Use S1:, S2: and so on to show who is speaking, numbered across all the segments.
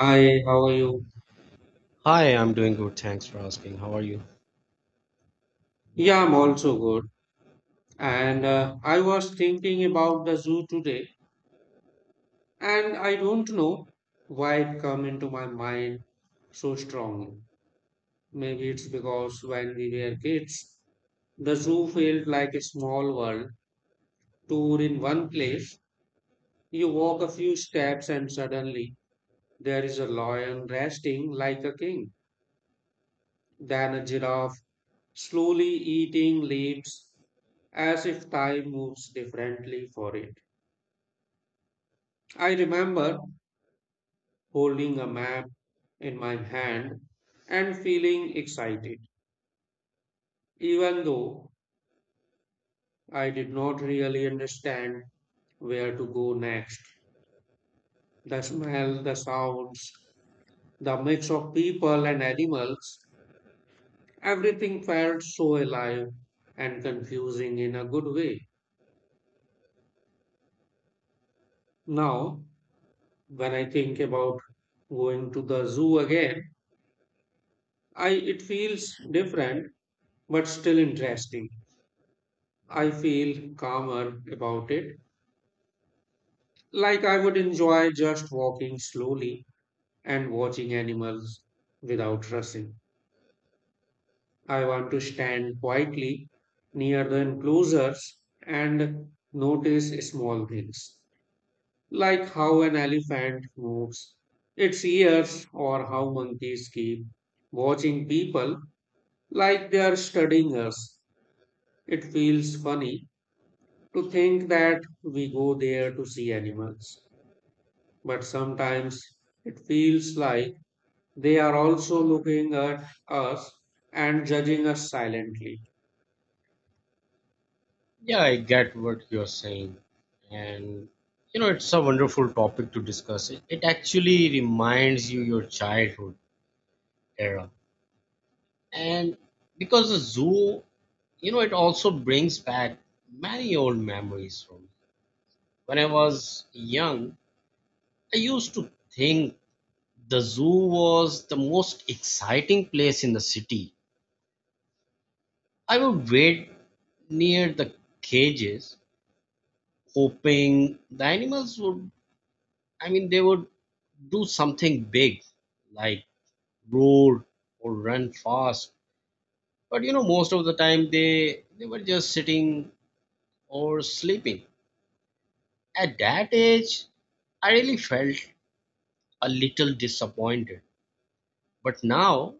S1: Hi, how are you?
S2: Hi, I'm doing good. Thanks for asking. How are you?
S1: Yeah, I'm also good. And I was thinking about the zoo today, and I don't know why it come into my mind so strongly. Maybe it's because when we were kids, the zoo felt like a small world tour in one place. You walk a few steps and suddenly there is a lion resting like a king, then a giraffe slowly eating leaves as if time moves differently for it. I remember holding a map in my hand and feeling excited, even though I did not really understand where to go next. The smell, the sounds, the mix of people and animals, everything felt so alive and confusing in a good way. Now, when I think about going to the zoo again, I it feels different but still interesting. I feel calmer about it. Like I would enjoy just walking slowly and watching animals without rushing. I want to stand quietly near the enclosures and notice small things, like how an elephant moves its ears or how monkeys keep watching people like they are studying us. It feels funny to think that we go there to see animals, but sometimes it feels like they are also looking at us and judging us silently.
S2: Yeah, I get what you're saying. And you know, it's a wonderful topic to discuss. It actually reminds you your childhood era. And because the zoo, you know, it also brings back many old memories from me. When I was young, I used to think the zoo was the most exciting place in the city. I would wait near the cages hoping the animals would, they would do something big like roar or run fast. But you know, most of the time they were just sitting or sleeping. At that age, I really felt a little disappointed. But now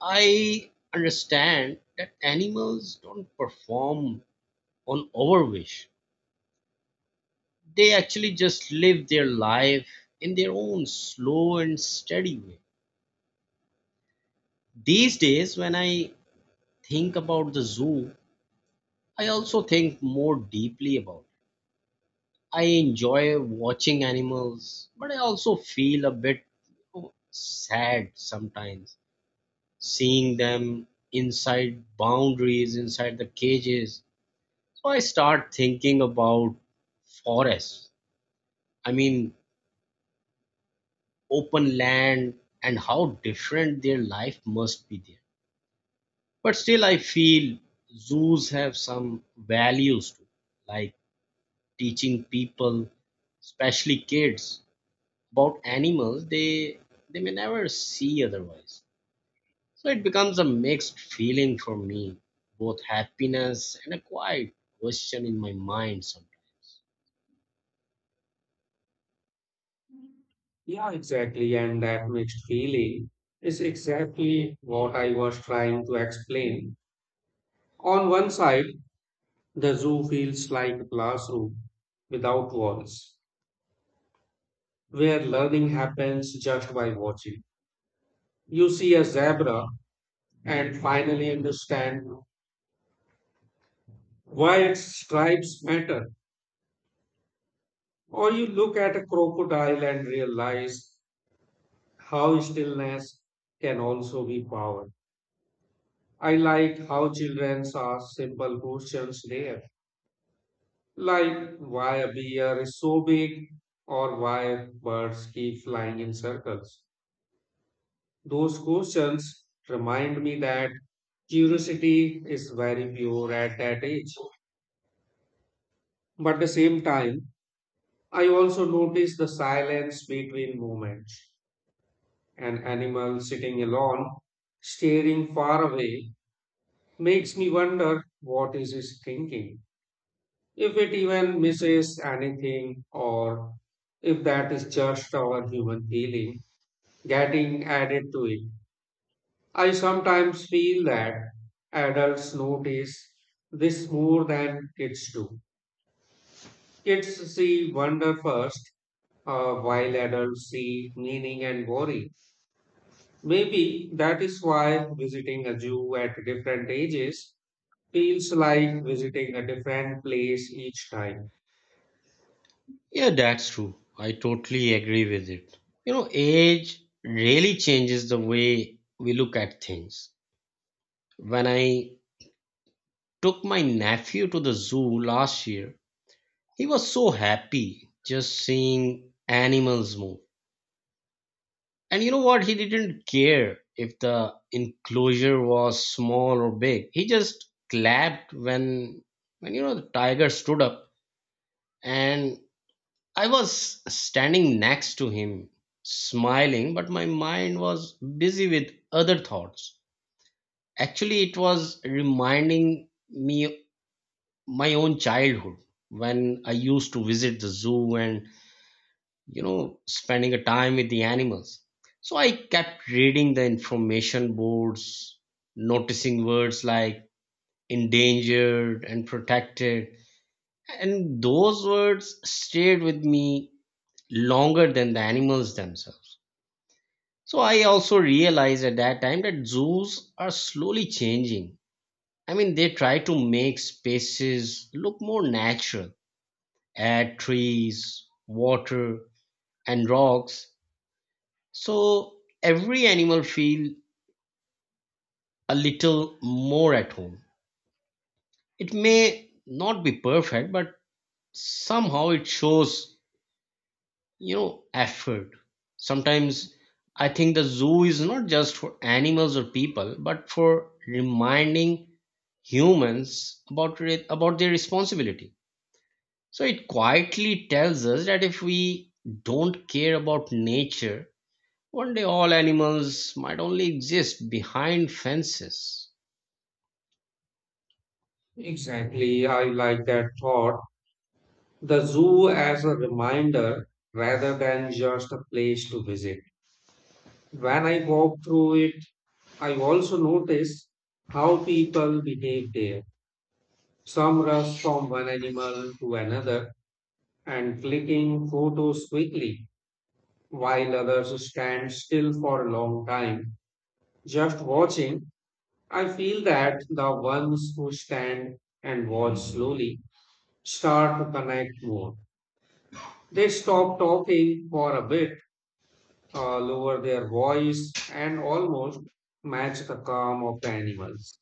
S2: I understand that animals don't perform on our wish. They actually just live their life in their own slow and steady way. These days, when I think about the zoo, I also think more deeply about it. I enjoy watching animals, but I also feel a bit oh, sad sometimes seeing them inside boundaries, inside the cages. So I start thinking about forests. I mean, open land and how different their life must be there. But still, I feel zoos have some values too, like teaching people, especially kids, about animals they may never see otherwise. So it becomes a mixed feeling for me, both happiness and a quiet question in my mind sometimes.
S1: Yeah, exactly. And that mixed feeling is exactly what I was trying to explain. On one side, the zoo feels like a classroom without walls, where learning happens just by watching. You see a zebra and finally understand why its stripes matter. Or you look at a crocodile and realize how stillness can also be power. I like how children ask simple questions there, like why a bear is so big or why birds keep flying in circles. Those questions remind me that curiosity is very pure at that age. But at the same time, I also notice the silence between moments. An animal sitting alone, staring far away, makes me wonder what is it thinking, if it even misses anything, or if that is just our human feeling getting added to it. I sometimes feel that adults notice this more than kids do. Kids see wonder first, while adults see meaning and worry. Maybe that is why visiting a zoo at different ages feels like visiting a different place each time.
S2: Yeah, that's true. I totally agree with it. You know, age really changes the way we look at things. When I took my nephew to the zoo last year, he was so happy just seeing animals move. And you know what? He didn't care if the enclosure was small or big. He just clapped when you know the tiger stood up and I was standing next to him smiling, but my mind was busy with other thoughts. Actually, it was reminding me my own childhood when I used to visit the zoo and, you know, spending a time with the animals. So I kept reading the information boards, noticing words like endangered and protected. And those words stayed with me longer than the animals themselves. So I also realized at that time that zoos are slowly changing. I mean, they try to make spaces look more natural, add trees, water, and rocks. So every animal feel a little more at home. It may not be perfect, but somehow it shows, you know, effort. Sometimes I think the zoo is not just for animals or people, but for reminding humans about about their responsibility. So it quietly tells us that if we don't care about nature, one day all animals might only exist behind fences.
S1: Exactly, I like that thought. The zoo as a reminder rather than just a place to visit. When I walk through it, I also notice how people behave there. Some rush from one animal to another and clicking photos quickly, while others stand still for a long time just watching. I feel that the ones who stand and watch slowly start to connect more. They stop talking for a bit, lower their voice, and almost match the calm of the animals.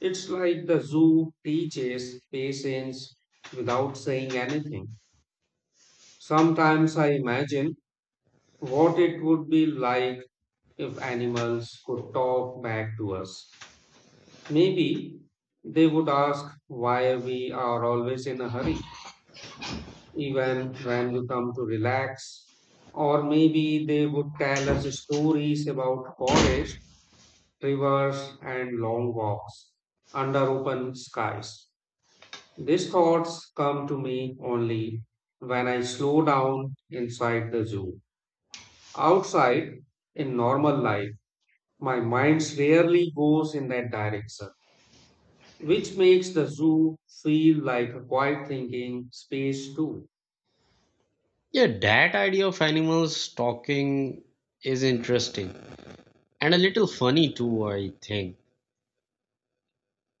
S1: It's like the zoo teaches patience without saying anything. Sometimes I imagine what it would be like if animals could talk back to us. Maybe they would ask why we are always in a hurry, even when we come to relax. Or maybe they would tell us stories about forests, rivers, and long walks under open skies. These thoughts come to me only when I slow down inside the zoo. Outside, in normal life, my mind rarely goes in that direction, which makes the zoo feel like a quiet thinking space too.
S2: Yeah, that idea of animals talking is interesting and a little funny too, I think.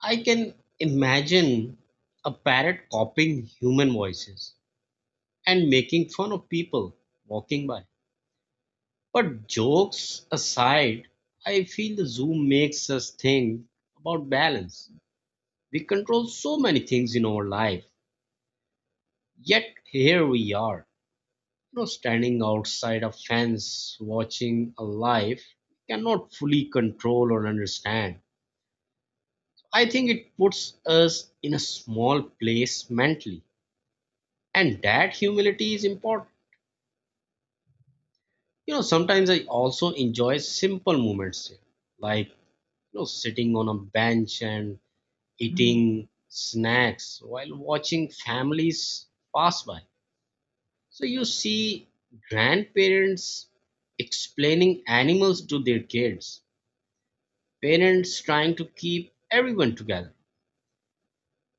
S2: I can imagine a parrot copying human voices and making fun of people walking by. But jokes aside, I feel the zoo makes us think about balance. We control so many things in our life, yet here we are, you know, standing outside a fence watching a life we cannot fully control or understand. I think it puts us in a small place mentally, and that humility is important. You know, sometimes I also enjoy simple moments here, like you know, sitting on a bench and eating snacks while watching families pass by. So you see grandparents explaining animals to their kids, parents trying to keep everyone together,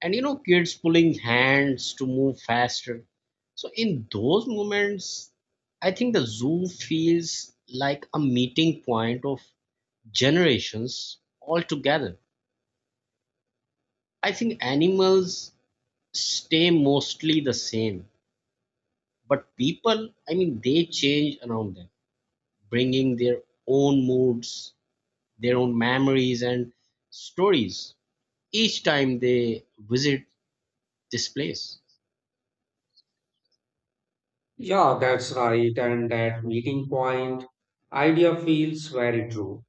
S2: and you know kids pulling hands to move faster. So in those moments I think the zoo feels like a meeting point of generations all together. I think animals stay mostly the same, but people, I mean, they change around them, bringing their own moods, their own memories and stories each time they visit displays.
S1: Yeah, that's right. And that meeting point idea feels very true.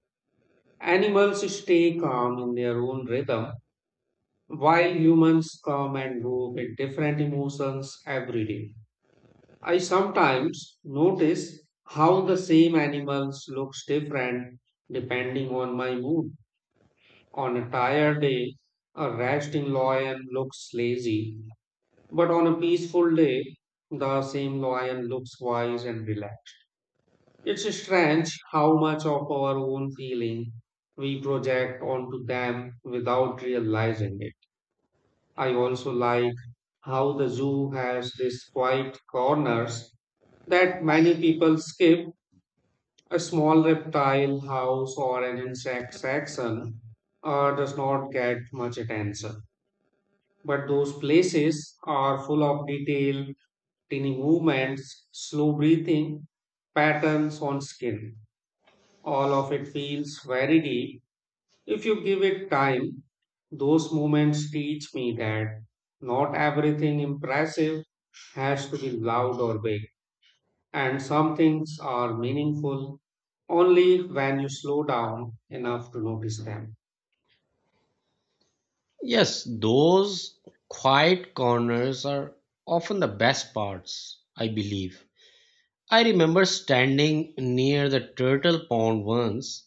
S1: Animals stay calm in their own rhythm, while humans come and go with different emotions every day. I sometimes notice how the same animals looks different depending on my mood. On a tired day, a resting lion looks lazy. But on a peaceful day, the same lion looks wise and relaxed. It's strange how much of our own feeling we project onto them without realizing it. I also like how the zoo has these quiet corners that many people skip. A small reptile house or an insect section does not get much attention. But those places are full of detail: tiny movements, slow breathing, patterns on skin. All of it feels very deep. If you give it time, those moments teach me that not everything impressive has to be loud or big, and some things are meaningful only when you slow down enough to notice them.
S2: Yes, those quiet corners are often the best parts, I believe. I remember standing near the turtle pond once,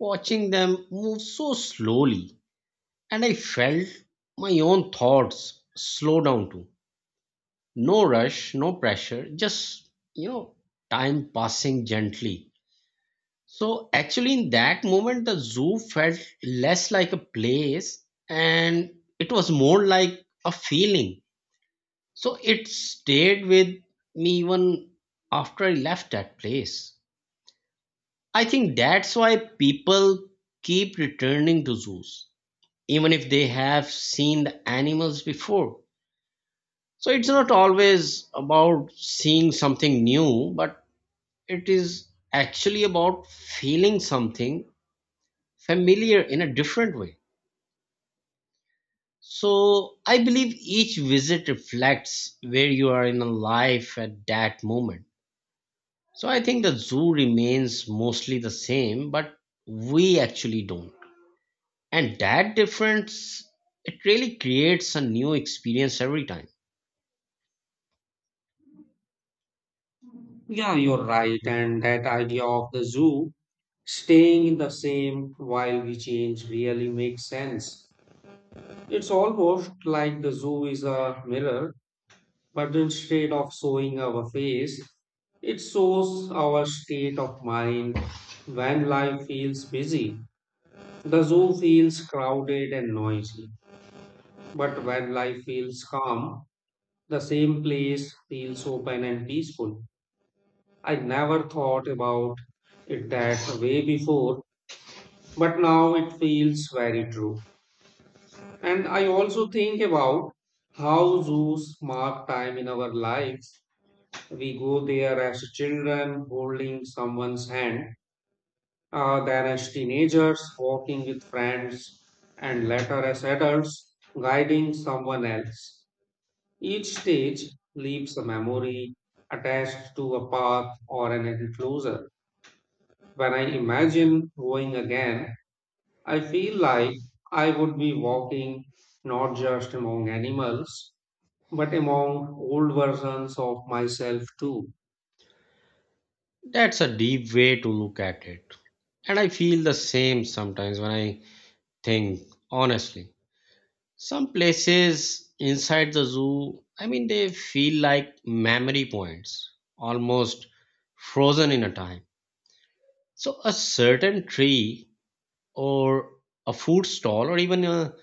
S2: watching them move so slowly, and I felt my own thoughts slow down too. No rush, no pressure, just, you know, time passing gently. So actually, in that moment, the zoo felt less like a place and it was more like a feeling. So it stayed with me even after I left that place. I think that's why people keep returning to zoos, even if they have seen the animals before. So it's not always about seeing something new, but it is actually about feeling something familiar in a different way. So I believe each visit reflects where you are in life at that moment. So I think the zoo remains mostly the same, but we actually don't. And that difference, it really creates a new experience every time.
S1: Yeah, you're right. And that idea of the zoo staying in the same while we change really makes sense. It's almost like the zoo is a mirror, but instead of showing our face, it shows our state of mind. When life feels busy, the zoo feels crowded and noisy. But when life feels calm, the same place feels open and peaceful. I never thought about it that way before, but now it feels very true. And I also think about how zoos mark time in our lives. We go there as children, holding someone's hand, then as teenagers, walking with friends, and later as adults, guiding someone else. Each stage leaves a memory attached to a path or an enclosure. When I imagine going again, I feel like I would be walking not just among animals but among old versions of myself too.
S2: That's a deep way to look at it. And I feel the same sometimes when I think, honestly. Some places inside the zoo, I mean, they feel like memory points, almost frozen in a time. So, a certain tree or a food stall or even a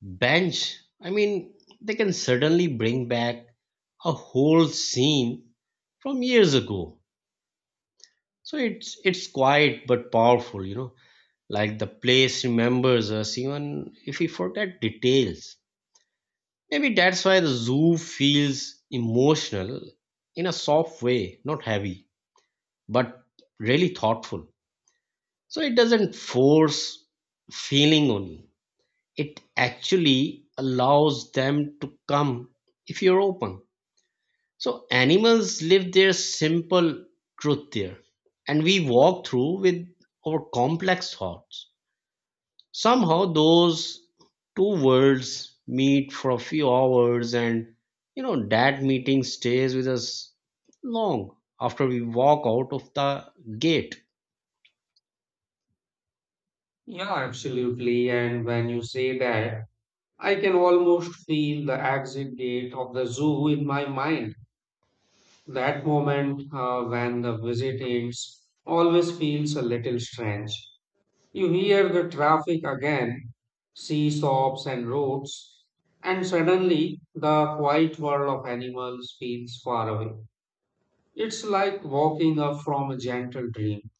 S2: bench, I mean, they can suddenly bring back a whole scene from years ago. So it's quiet but powerful, you know. Like the place remembers us even if we forget details. Maybe that's why the zoo feels emotional in a soft way, not heavy, but really thoughtful. So it doesn't force feeling on you. It actually allows them to come if you're open. So animals live their simple truth there, and we walk through with our complex thoughts. Somehow those two worlds meet for a few hours and you know that meeting stays with us long after we walk out of the gate.
S1: Yeah, absolutely. And when you say that, I can almost feel the exit gate of the zoo in my mind. That moment, when the visit ends, always feels a little strange. You hear the traffic again, see stops and roads, and suddenly the quiet world of animals feels far away. It's like walking up from a gentle dream.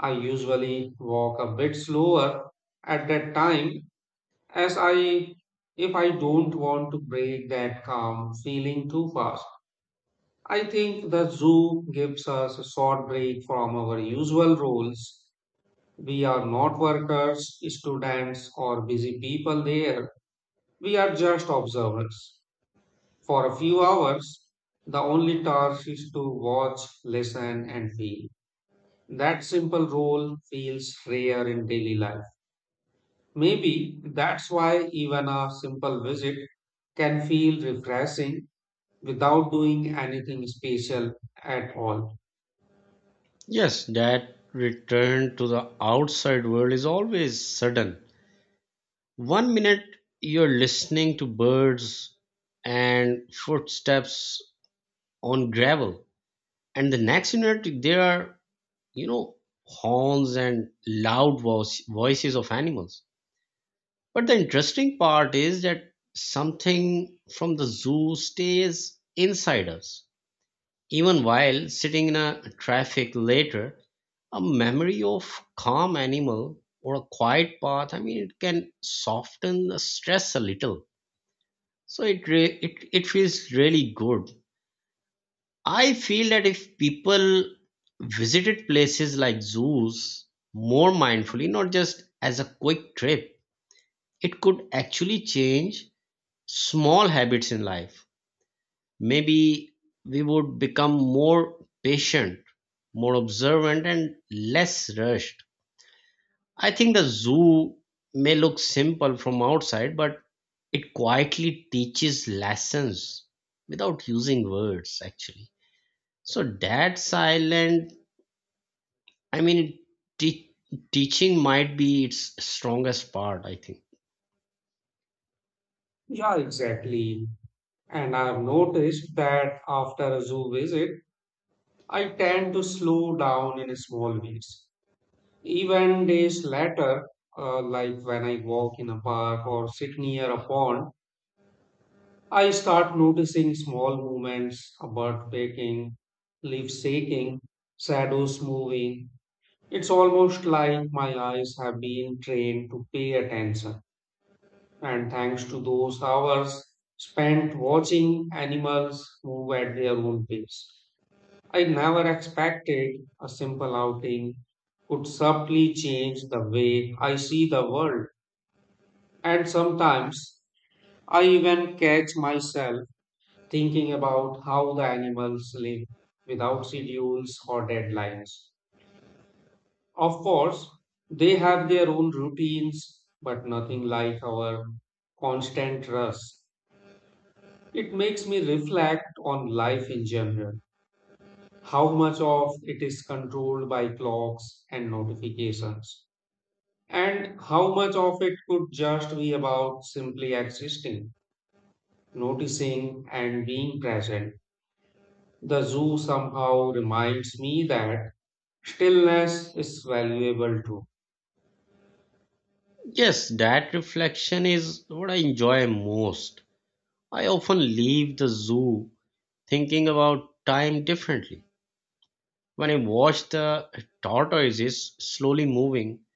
S1: I usually walk a bit slower at that time, as I if I don't want to break that calm feeling too fast. I think the zoo gives us a short break from our usual roles. We are not workers, students, or busy people there. We are just observers. For a few hours, the only task is to watch, listen, and feel. That simple role feels rare in daily life. Maybe that's why even a simple visit can feel refreshing without doing anything special at all.
S2: Yes, that return to the outside world is always sudden. One minute you're listening to birds and footsteps on gravel, and the next minute there are, you know, horns and loud voices of animals. But the interesting part is that something from the zoo stays inside us. Even while sitting in a traffic later, a memory of calm animal or a quiet path, I mean, it can soften the stress a little. So it feels really good. I feel that if people visited places like zoos more mindfully, not just as a quick trip, it could actually change small habits in life, maybe we would become more patient, more observant, and less rushed. I think the zoo may look simple from outside, but it quietly teaches lessons without using words, actually. So that silent, I mean, te- teaching might be its strongest part, I think.
S1: Yeah, exactly. And I've noticed that after a zoo visit, I tend to slow down in small ways. Even days later, like when I walk in a park or sit near a pond, I start noticing small movements, a bird pecking, leaves shaking, shadows moving. It's almost like my eyes have been trained to pay attention, and thanks to those hours spent watching animals move at their own pace. I never expected a simple outing could subtly change the way I see the world, and sometimes I even catch myself thinking about how the animals live without schedules or deadlines. Of course, they have their own routines, but nothing like our constant rush. It makes me reflect on life in general, how much of it is controlled by clocks and notifications, and how much of it could just be about simply existing, noticing, and being present. The zoo somehow reminds me that stillness is valuable too.
S2: Yes, that reflection is what I enjoy most. I often leave the zoo thinking about time differently. When I watch the tortoises slowly moving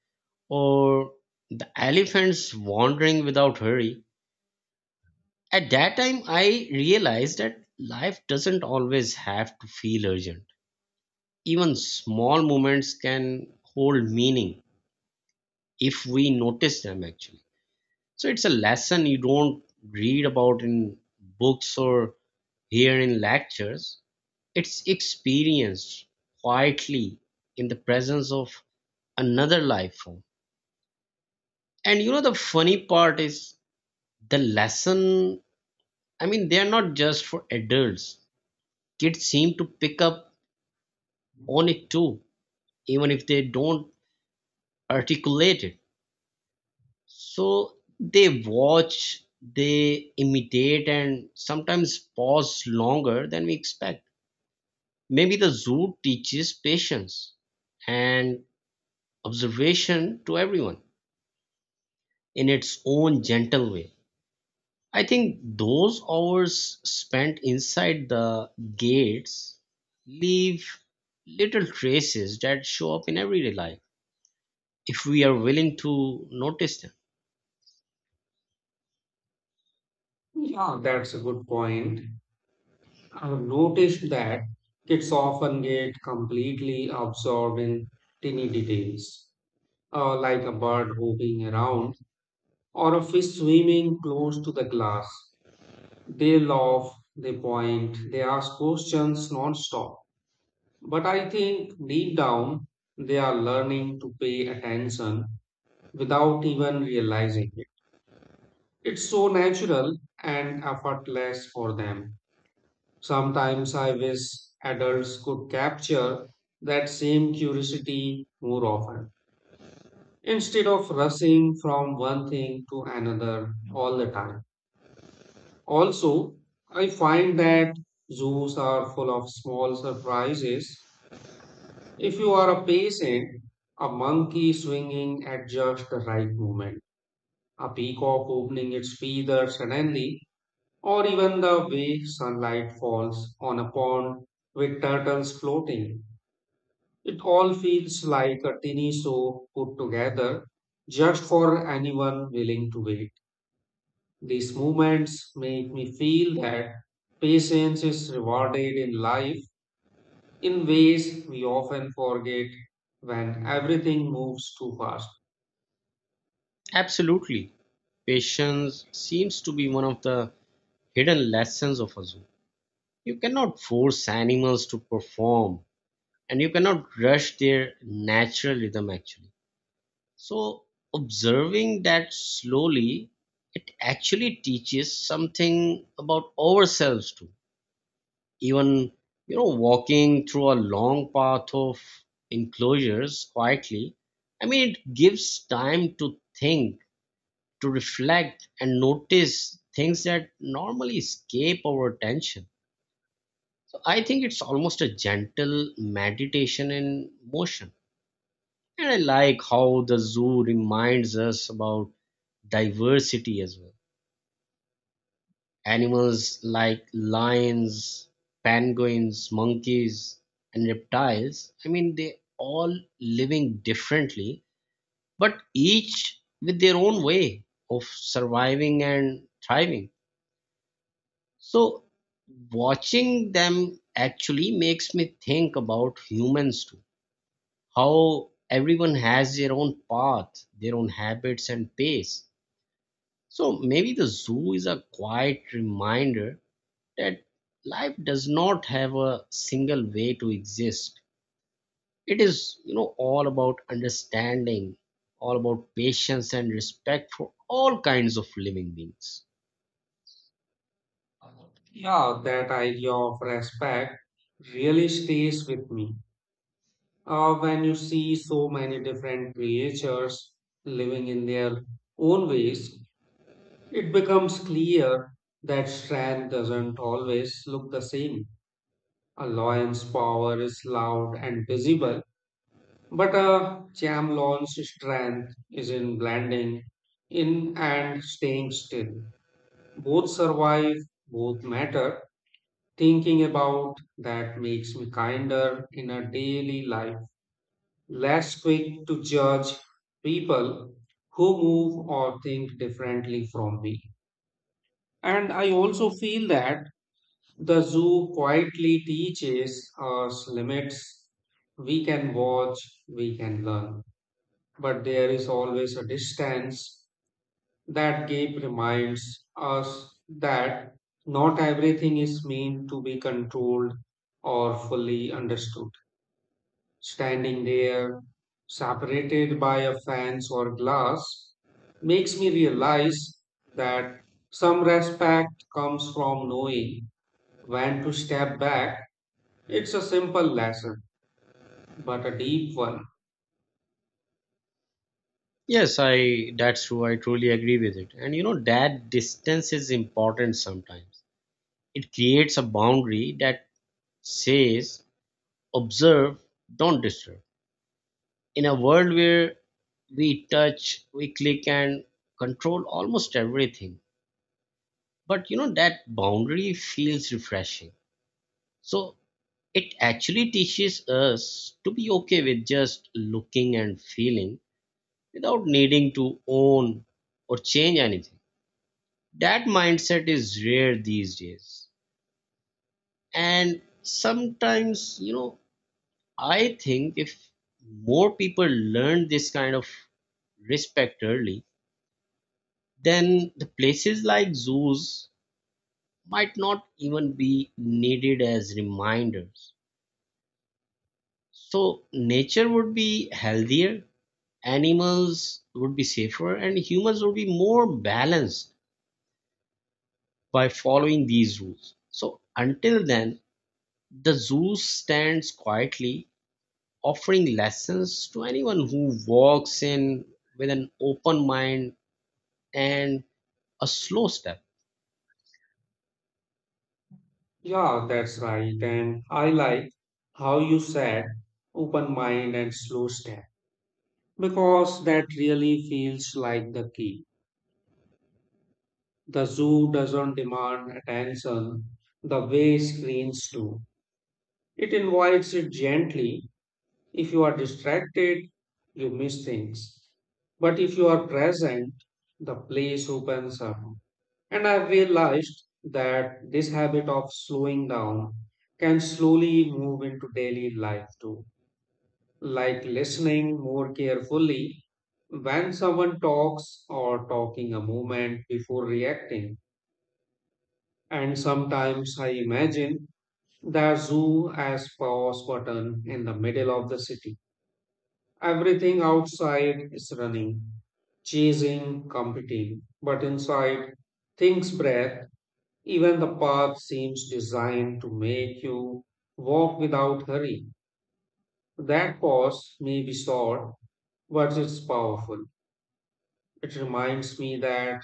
S2: or the elephants wandering without hurry, at that time I realized that life doesn't always have to feel urgent. Even small moments can hold meaning if we notice them actually. So it's a lesson you don't read about in books or hear in lectures. It's experienced quietly in the presence of another life form. And you know, the funny part is the lesson, I mean, they are not just for adults. Kids seem to pick up on it too, even if they don't articulate it. So they watch, they imitate, and sometimes pause longer than we expect. Maybe the zoo teaches patience and observation to everyone, in its own gentle way. I think those hours spent inside the gates leave little traces that show up in everyday life if we are willing to notice them.
S1: Yeah, that's a good point. I've noticed that kids often get completely absorbed in tiny details, like a bird hopping around or a fish swimming close to the glass. They laugh, they point, they ask questions non-stop. But I think deep down, they are learning to pay attention without even realizing it. It's so natural and effortless for them. Sometimes I wish adults could capture that same curiosity more often instead of rushing from one thing to another all the time. Also, I find that zoos are full of small surprises. If you are a patient, a monkey swinging at just the right moment, a peacock opening its feathers suddenly, or even the way sunlight falls on a pond with turtles floating. It all feels like a tiny show put together just for anyone willing to wait. These moments make me feel that patience is rewarded in life in ways we often forget when everything moves too fast.
S2: Absolutely. Patience seems to be one of the hidden lessons of a zoo. You cannot force animals to perform and you cannot rush their natural rhythm actually. So, observing that slowly, it actually teaches something about ourselves too. Even, you know, walking through a long path of enclosures quietly, I mean, it gives time to think, to reflect, and notice things that normally escape our attention. So, I think it's almost a gentle meditation in motion. And I like how the zoo reminds us about diversity as well. Animals like lions, penguins, monkeys, and reptiles, I mean, they all living differently, but each with their own way of surviving and thriving. So, watching them actually makes me think about humans too. How everyone has their own path, their own habits, and pace. So maybe the zoo is a quiet reminder that life does not have a single way to exist. It is, you know, all about understanding, all about patience and respect for all kinds of living beings.
S1: Yeah, that idea of respect really stays with me. When you see so many different creatures living in their own ways, it becomes clear that strength doesn't always look the same. A lion's power is loud and visible, but a chameleon's strength is in blending in and staying still. Both survive, both matter. Thinking about that makes me kinder in a daily life, less quick to judge people who move or think differently from me. And I also feel that the zoo quietly teaches us limits. We can watch, we can learn, but there is always a distance. That gap reminds us that not everything is meant to be controlled or fully understood. Standing there, separated by a fence or glass, makes me realize that some respect comes from knowing when to step back. It's a simple lesson, but a deep one.
S2: Yes, I that's true. I truly agree with it. And you know that distance is important sometimes. It creates a boundary that says observe, don't disturb, in a world where we touch, we click, and control almost everything. But you know, that boundary feels refreshing. So it actually teaches us to be okay with just looking and feeling without needing to own or change anything. That mindset is rare these days. And sometimes, you know, I think if more people learn this kind of respect early, then the places like zoos might not even be needed as reminders. So nature would be healthier, animals would be safer, and humans would be more balanced by following these rules. So until then, the zoo stands quietly, offering lessons to anyone who walks in with an open mind and a slow step.
S1: Yeah, that's right. And I like how you said open mind and slow step, because that really feels like the key. The zoo doesn't demand attention the way screens do. It invites it gently. If you are distracted, you miss things. But if you are present, the place opens up. And I've realized that this habit of slowing down can slowly move into daily life too, like listening more carefully when someone talks or talking a moment before reacting. And sometimes I imagine the zoo as pause button in the middle of the city. Everything outside is running, chasing, competing, but inside things breathe. Even the path seems designed to make you walk without hurry. That pause may be short, but it's powerful. It reminds me that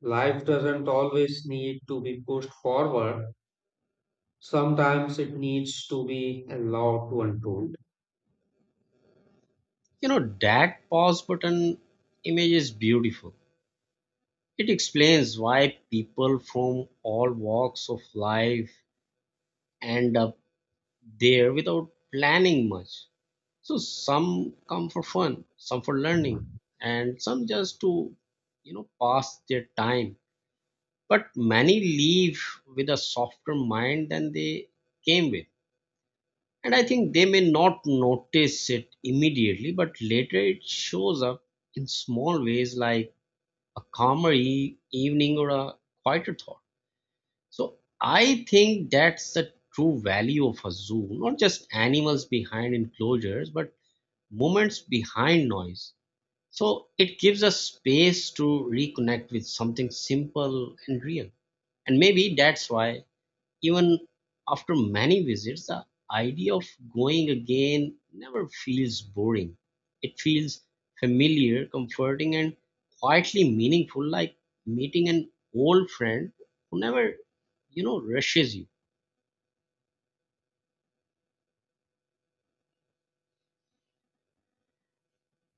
S1: life doesn't always need to be pushed forward. Sometimes it needs to be allowed to unfold.
S2: You know, that pause button image is beautiful. It explains why people from all walks of life end up there without planning much. So some come for fun, some for learning, and some just to, you know, pass their time. But many leave with a softer mind than they came with. And I think they may not notice it immediately, but later it shows up in small ways like a calmer evening or a quieter thought. So I think that's the true value of a zoo, not just animals behind enclosures, but moments behind noise. So it gives us space to reconnect with something simple and real. And maybe that's why even after many visits, the idea of going again never feels boring. It feels familiar, comforting, and quietly meaningful, like meeting an old friend who never, you know, rushes you.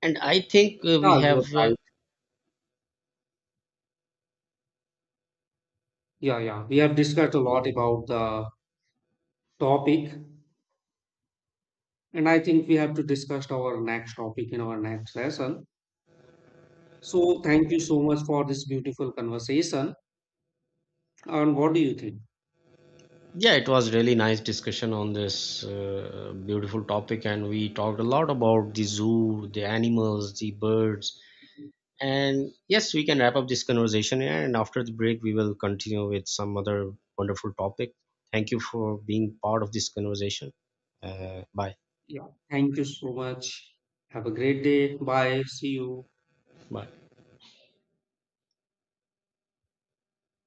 S2: And I think
S1: Yeah,
S2: we
S1: you're
S2: have,
S1: right. Yeah, yeah. We have discussed a lot about the topic, and I think we have to discuss our next topic in our next session. So, thank you so much for this beautiful conversation. And what do you think?
S2: yeah, it was really nice discussion on this beautiful topic, and we talked a lot about the zoo, the animals, the birds. And yes, we can wrap up this conversation here. And after the break, we will continue with some other wonderful topic. Thank you for being part of this conversation. Bye.
S1: Yeah. Thank you so much. Have a great day. Bye. See you.
S2: Bye.